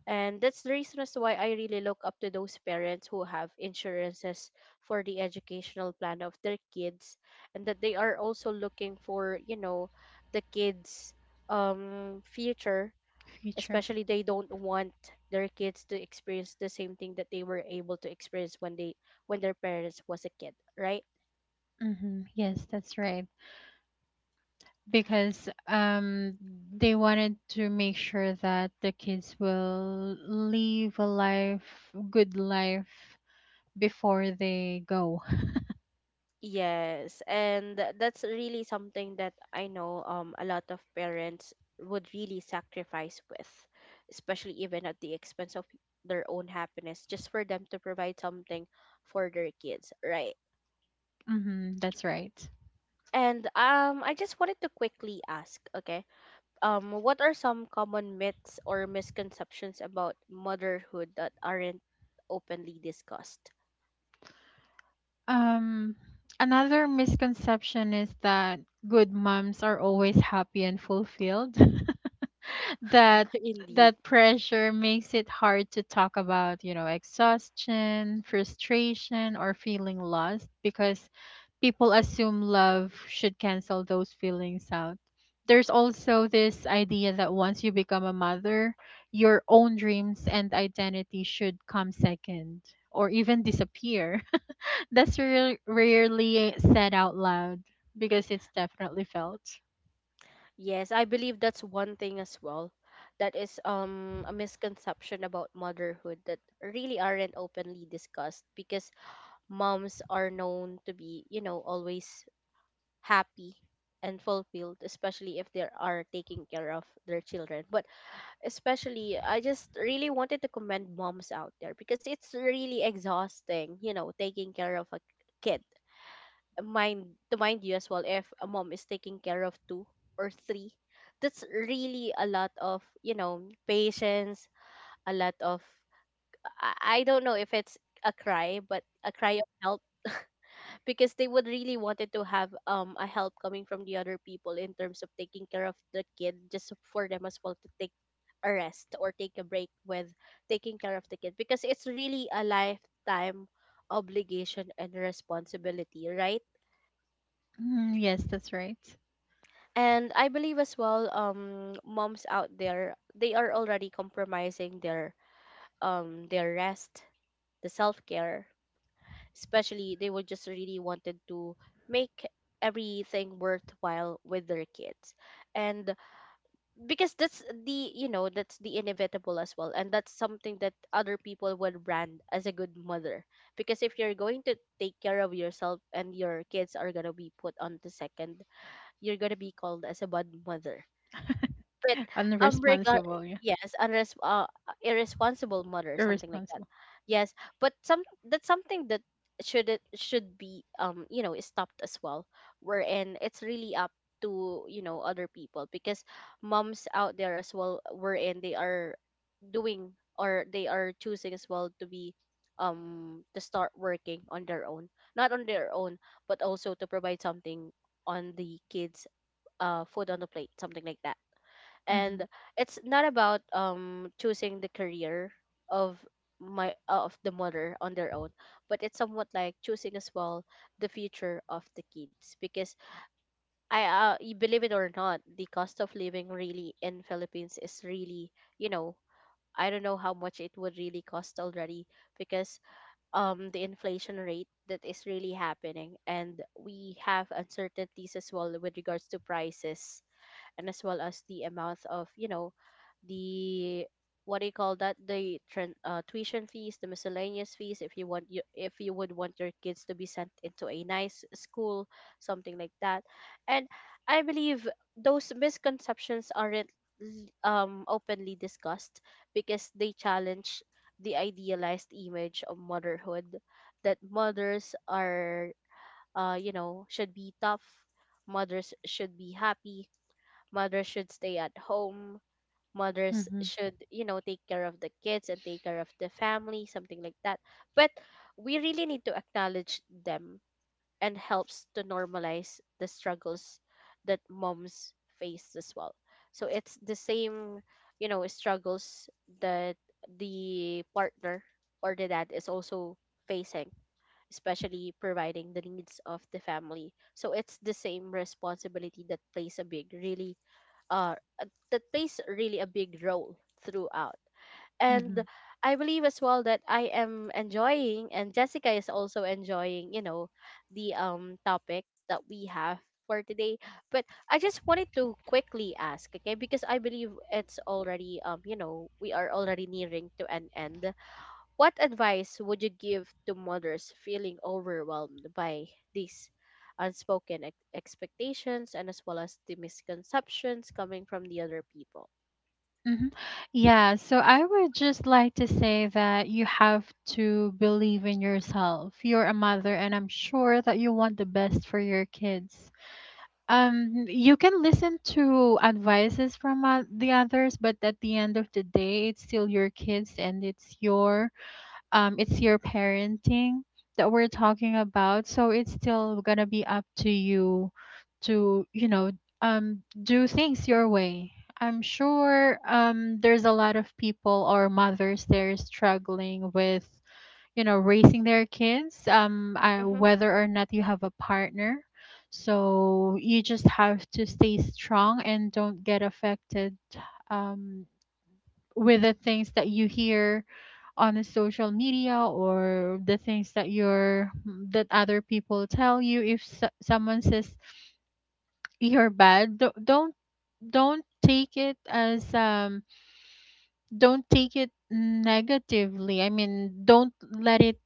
Speaker 1: And that's the reason as to why I really look up to those parents who have insurances for the educational plan of their kids, and that they are also looking for, you know, the kids um future,
Speaker 2: Future.
Speaker 1: especially they don't want their kids to experience the same thing that they were able to experience when they when their parents was a kid, right?
Speaker 2: Hmm. Yes, that's right. Because um they wanted to make sure that the kids will live a life good life before they go.
Speaker 1: Yes, and th- that's really something that I know, um a lot of parents would really sacrifice with, especially even at the expense of their own happiness, just for them to provide something for their kids, right?
Speaker 2: Hmm, that's right.
Speaker 1: And um I just wanted to quickly ask, okay, um, what are some common myths or misconceptions about motherhood that aren't openly discussed?
Speaker 2: um Another misconception is that good moms are always happy and fulfilled, that
Speaker 1: Indeed.
Speaker 2: that pressure makes it hard to talk about, you know, exhaustion, frustration, or feeling lost because people assume love should cancel those feelings out. There's also this idea that once you become a mother, your own dreams and identity should come second or even disappear. That's rare- rarely said out loud because it's definitely felt.
Speaker 1: Yes, I believe that's one thing as well. That is um a misconception about motherhood that really aren't openly discussed, because moms are known to be, you know, always happy and fulfilled, especially if they are taking care of their children. But especially, I just really wanted to commend moms out there, because it's really exhausting, you know, taking care of a kid. Mind to mind you as well, if a mom is taking care of two or three, that's really a lot of, you know, patience, a lot of i, I don't know if it's a cry, but a cry of help, because they would really wanted to have um a help coming from the other people in terms of taking care of the kid, just for them as well to take a rest or take a break with taking care of the kid, because it's really a lifetime obligation and responsibility, right?
Speaker 2: Mm, yes, that's right.
Speaker 1: And I believe as well, um moms out there, they are already compromising their um their rest, the self-care, especially they were just really wanted to make everything worthwhile with their kids. And because that's the, you know, that's the inevitable as well, and that's something that other people would brand as a good mother, because if you're going to take care of yourself and your kids are going to be put on the second, you're going to be called as a bad mother. But um regard,
Speaker 2: Unresponsible. Yeah.
Speaker 1: yes, unres- uh, irresponsible mother, something like that.
Speaker 2: Irresponsible.
Speaker 1: Yes, but some, that's something that should it should be, um you know, stopped as well, wherein it's really up to, you know, other people, because moms out there as well, wherein they are doing or they are choosing as well to be um to start working on their own, not on their own, but also to provide something on the kids, uh food on the plate, something like that.
Speaker 2: Mhm,
Speaker 1: And it's not about um choosing the career of my of the mother on their own, but it's somewhat like choosing as well the future of the kids. Because i uh, y- believe it or not, the cost of living really in philippines is really, you know, I don't know how much it would really cost already, because um the inflation rate that is really happening, and we have uncertainties as well with regards to prices, and as well as the amount of, you know, the what do you call that, the tran- uh, tuition fees, the miscellaneous fees, if you want you if you would want your kids to be sent into a nice school, something like that. And I believe those misconceptions aren't l- um openly discussed because they challenge the idealized image of motherhood, that mothers are, uh you know, should be tough, mothers should be happy, mothers should stay at home, mothers
Speaker 2: mhm,
Speaker 1: should, you know, take care of the kids and take care of the family, something like that. But we really need to acknowledge them, and helps to normalize the struggles that moms face as well. So it's the same, you know, struggles that the partner or the dad is also facing, especially providing the needs of the family. So it's the same responsibility that plays a big really uh, uh, that plays really a big role throughout. And
Speaker 2: mhm,
Speaker 1: I believe as well that I am enjoying, and Jessica is also enjoying, you know, the um topic that we have for today. But I just wanted to quickly ask, okay, because I believe it's already, um, you know, we are already nearing to an end. What advice would you give to mothers feeling overwhelmed by these unspoken ex- expectations and as well as the misconceptions coming from the other people?
Speaker 2: mhm. Yeah, so I would just like to say that you have to believe in yourself. You're a mother, and I'm sure that you want the best for your kids. Um, you can listen to advices from uh, the others, but at the end of the day, it's still your kids and it's your um, it's your parenting that we're talking about. So it's still gonna be up to you to, you know, um, do things your way. I'm sure um, there's a lot of people or mothers there struggling with, you know, raising their kids, um, I,
Speaker 1: Mm-hmm.
Speaker 2: whether or not you have a partner. So you just have to stay strong and don't get affected um, with the things that you hear on the social media or the things that you're that other people tell you. If s someone says you're bad, do- don't don't take it as um don't take it negatively. I mean, don't let it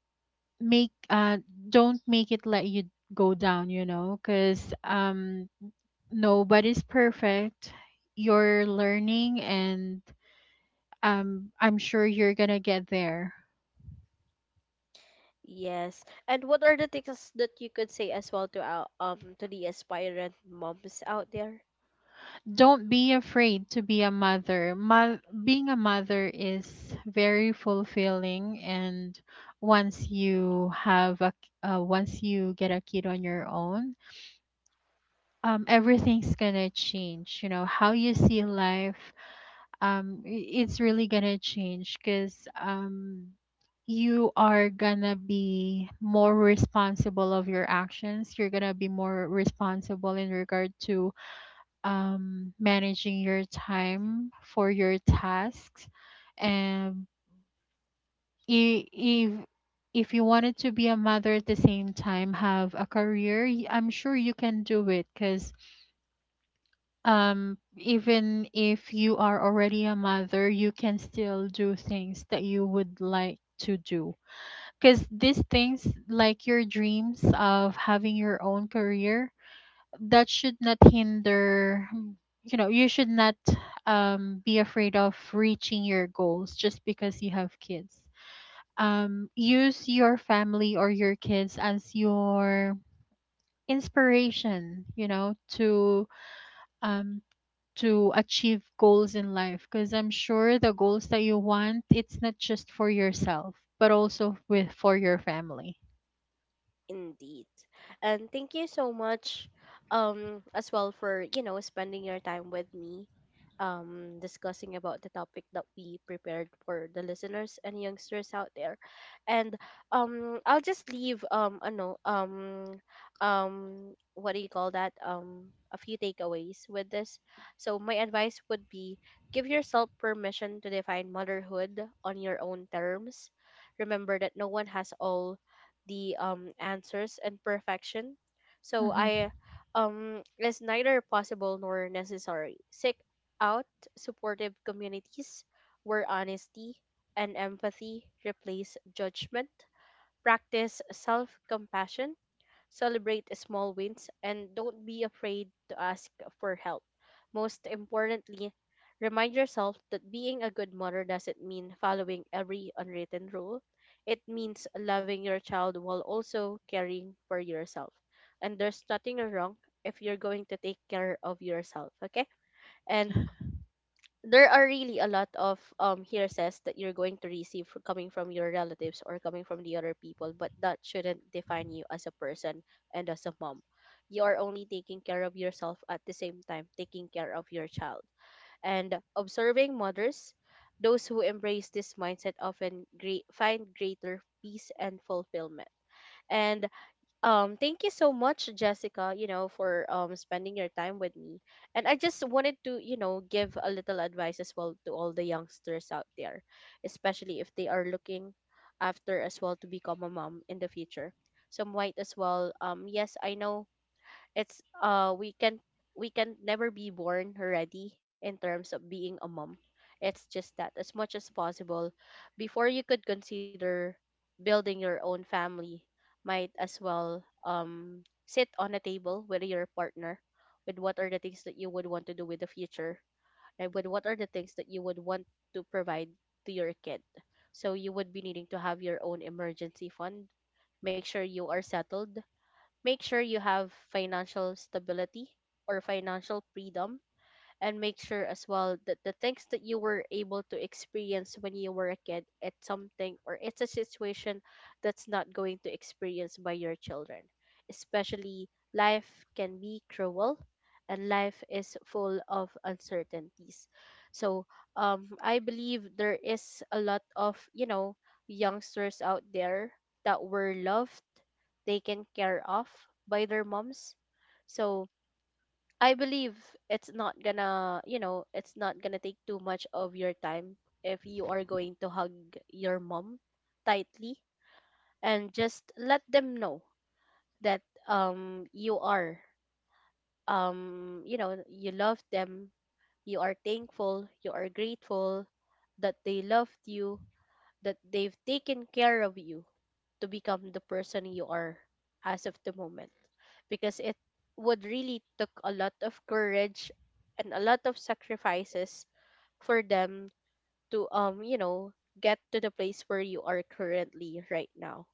Speaker 2: make uh don't make it let you go down, you know, because um nobody's perfect. You're learning and um I'm sure you're gonna get there.
Speaker 1: Yes. And what are the things that you could say as well to our, um to the aspirant moms out there?
Speaker 2: Don't be afraid to be a mother. Mo- being a mother is very fulfilling, and once you have a k- uh, once you get a kid on your own, um, everything's gonna change. You know how you see life. Um, i- it's really gonna change because um, you are gonna be more responsible of your actions. You're gonna be more responsible in regard to um, managing your time for your tasks. And i- if if you wanted to be a mother at the same time have a career, y- I'm sure you can do it because um even if you are already a mother you can still do things that you would like to do, because these things like your dreams of having your own career, that should not hinder, you know, you should not um, be afraid of reaching your goals just because you have kids. Um, use your family or your kids as your inspiration, you know, to um, to achieve goals in life because I'm sure the goals that you want, it's not just for yourself but also with for your family.
Speaker 1: Indeed. And thank you so much um as well for, you know, spending your time with me, um discussing about the topic that we prepared for the listeners and youngsters out there. And um I'll just leave, um I know um um what do you call that? Um a few takeaways with this. So my advice would be, give yourself permission to define motherhood on your own terms. Remember that no one has all the um answers, and perfection. So
Speaker 2: Mm-hmm.
Speaker 1: I um is neither possible nor necessary. Seek out supportive communities where honesty and empathy replace judgment. Practice self compassion. Celebrate small wins, and don't be afraid to ask for help. Most importantly, remind yourself that being a good mother doesn't mean following every unwritten rule. It means loving your child while also caring for yourself. And there's nothing wrong if you're going to take care of yourself, okay? And there are really a lot of um hearsays that you're going to receive fr- coming from your relatives or coming from the other people, but that shouldn't define you as a person and as a mom. You are only taking care of yourself, at the same time taking care of your child and observing mothers, those who embrace this mindset often great, find greater peace and fulfillment. And um, thank you so much, Jessica, you know, for um spending your time with me. And I just wanted to, you know, give a little advice as well to all the youngsters out there, especially if they are looking after as well to become a mom in the future. So might as well, um, yes, I know it's uh we can we can never be born already in terms of being a mom. It's just that as much as possible, before you could consider building your own family, might as well, um sit on a table with your partner with what are the things that you would want to do with the future, and with what are the things that you would want to provide to your kid. So you would be needing to have your own emergency fund. Make sure you are settled. Make sure you have financial stability or financial freedom. And make sure as well that the things that you were able to experience when you were a kid, it's something or it's a situation that's not going to experience by your children, especially life can be cruel and life is full of uncertainties. So um I believe there is a lot of, you know, youngsters out there that were loved, taken care of by their moms. So I believe it's not gonna, you know, it's not gonna take too much of your time if you are going to hug your mom tightly and just let them know that um you are, um you know, you love them, you are thankful, you are grateful that they loved you, that they've taken care of you to become the person you are as of the moment. Because it would really took a lot of courage and a lot of sacrifices for them to, um you know, get to the place where you are currently right now.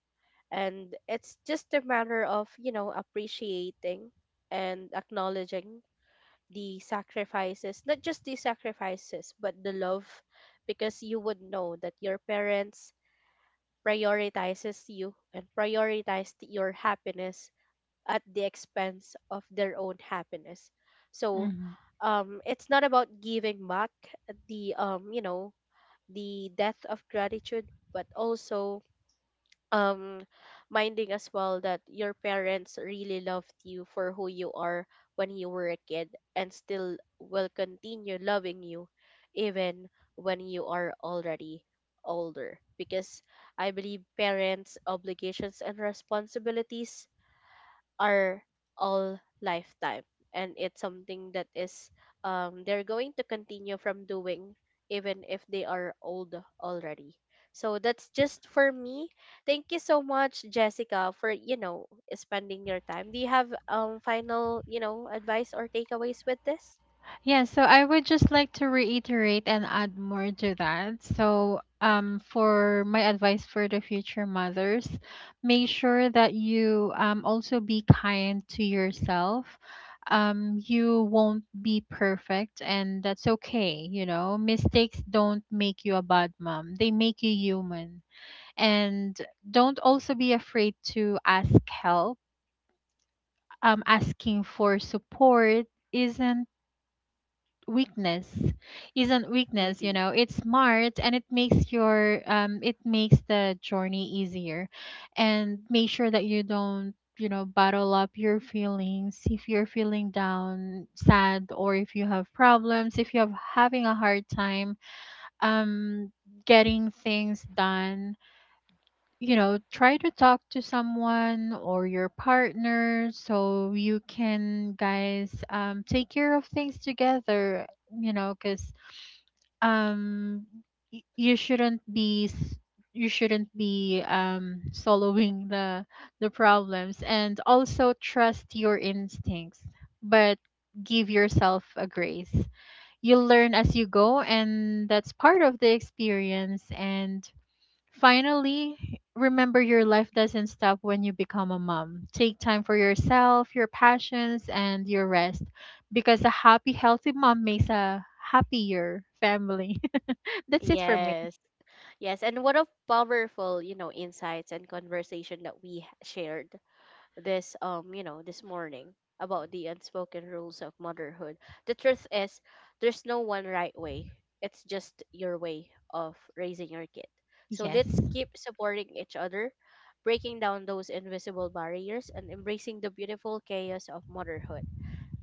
Speaker 1: And it's just a matter of, you know, appreciating and acknowledging the sacrifices, not just the sacrifices but the love. Because you would know that your parents prioritizes you and prioritized your happiness at the expense of their own happiness. So
Speaker 2: Mm-hmm.
Speaker 1: um, it's not about giving back the um, you know, the death of gratitude, but also um minding as well that your parents really loved you for who you are when you were a kid, and still will continue loving you even when you are already older. Because I believe parents obligations and responsibilities our all lifetime, and it's something that is, um they're going to continue from doing even if they are old already. So that's just for me. Thank you so much, Jessica, for, you know, spending your time. Do you have um final, you know, advice or takeaways with this?
Speaker 2: Yeah, so I would just like to reiterate and add more to that. So, um, for my advice for the future mothers, make sure that you um, also be kind to yourself. Um, you won't be perfect, and that's okay. You know, mistakes don't make you a bad mom, they make you human. And don't also be afraid to ask help. Um, asking for support isn't weakness isn't weakness, you
Speaker 1: Indeed.
Speaker 2: know, it's smart and it makes your um it makes the journey easier. And make sure that you don't, you know, bottle up your feelings. If you're feeling down, sad, or if you have problems, if you're having a hard time um getting things done, you know, try to talk to someone or your partner so you can guys um, take care of things together, you know, because um y- you shouldn't be s- you shouldn't be um soloing the the problems. And also trust your instincts, but give yourself a grace. You learn as you go and that's part of the experience. And finally, remember your life doesn't stop when you become a mom. Take time for yourself, your passions, and your rest, because a happy healthy mom makes a happier family. That's it for me.
Speaker 1: Yes. Yes, and what a powerful, you know, insights and conversation that we h- shared this, um you know, this morning, about the unspoken rules of motherhood. The truth is, there's no one right way, it's just your way of raising your kid. So
Speaker 2: Yes.
Speaker 1: let's keep supporting each other, breaking down those invisible barriers and embracing the beautiful chaos of motherhood.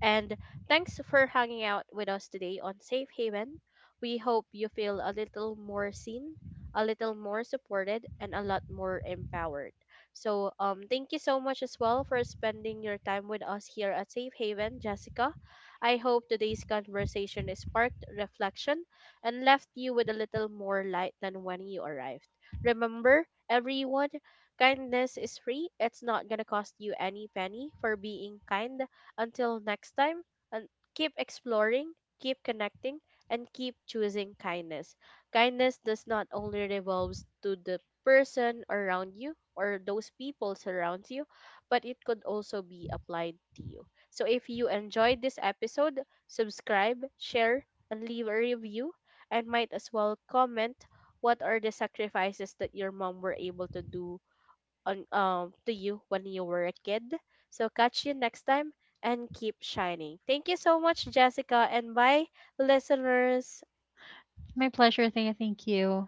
Speaker 1: And thanks for hanging out with us today on Safe Haven. We hope you feel a little more seen, a little more supported, and a lot more empowered. So, um, thank you so much as well for spending your time with us here at Safe Haven, Jessica. I hope today's conversation is sparked reflection and left you with a little more light than when you arrived. Remember, everyone, kindness is free. It's not going to cost you any penny for being kind. Until next time, and keep exploring, keep connecting, and keep choosing kindness. Kindness does not only revolves to the person around you or those people surround you, but it could also be applied to you. So if you enjoyed this episode, subscribe, share, and leave a review, and might as well comment what are the sacrifices that your mom were able to do on, um to you when you were a kid. So catch you next time and keep shining. Thank you so much, Jessica, and bye, listeners.
Speaker 2: My pleasure. Thea. Thank you.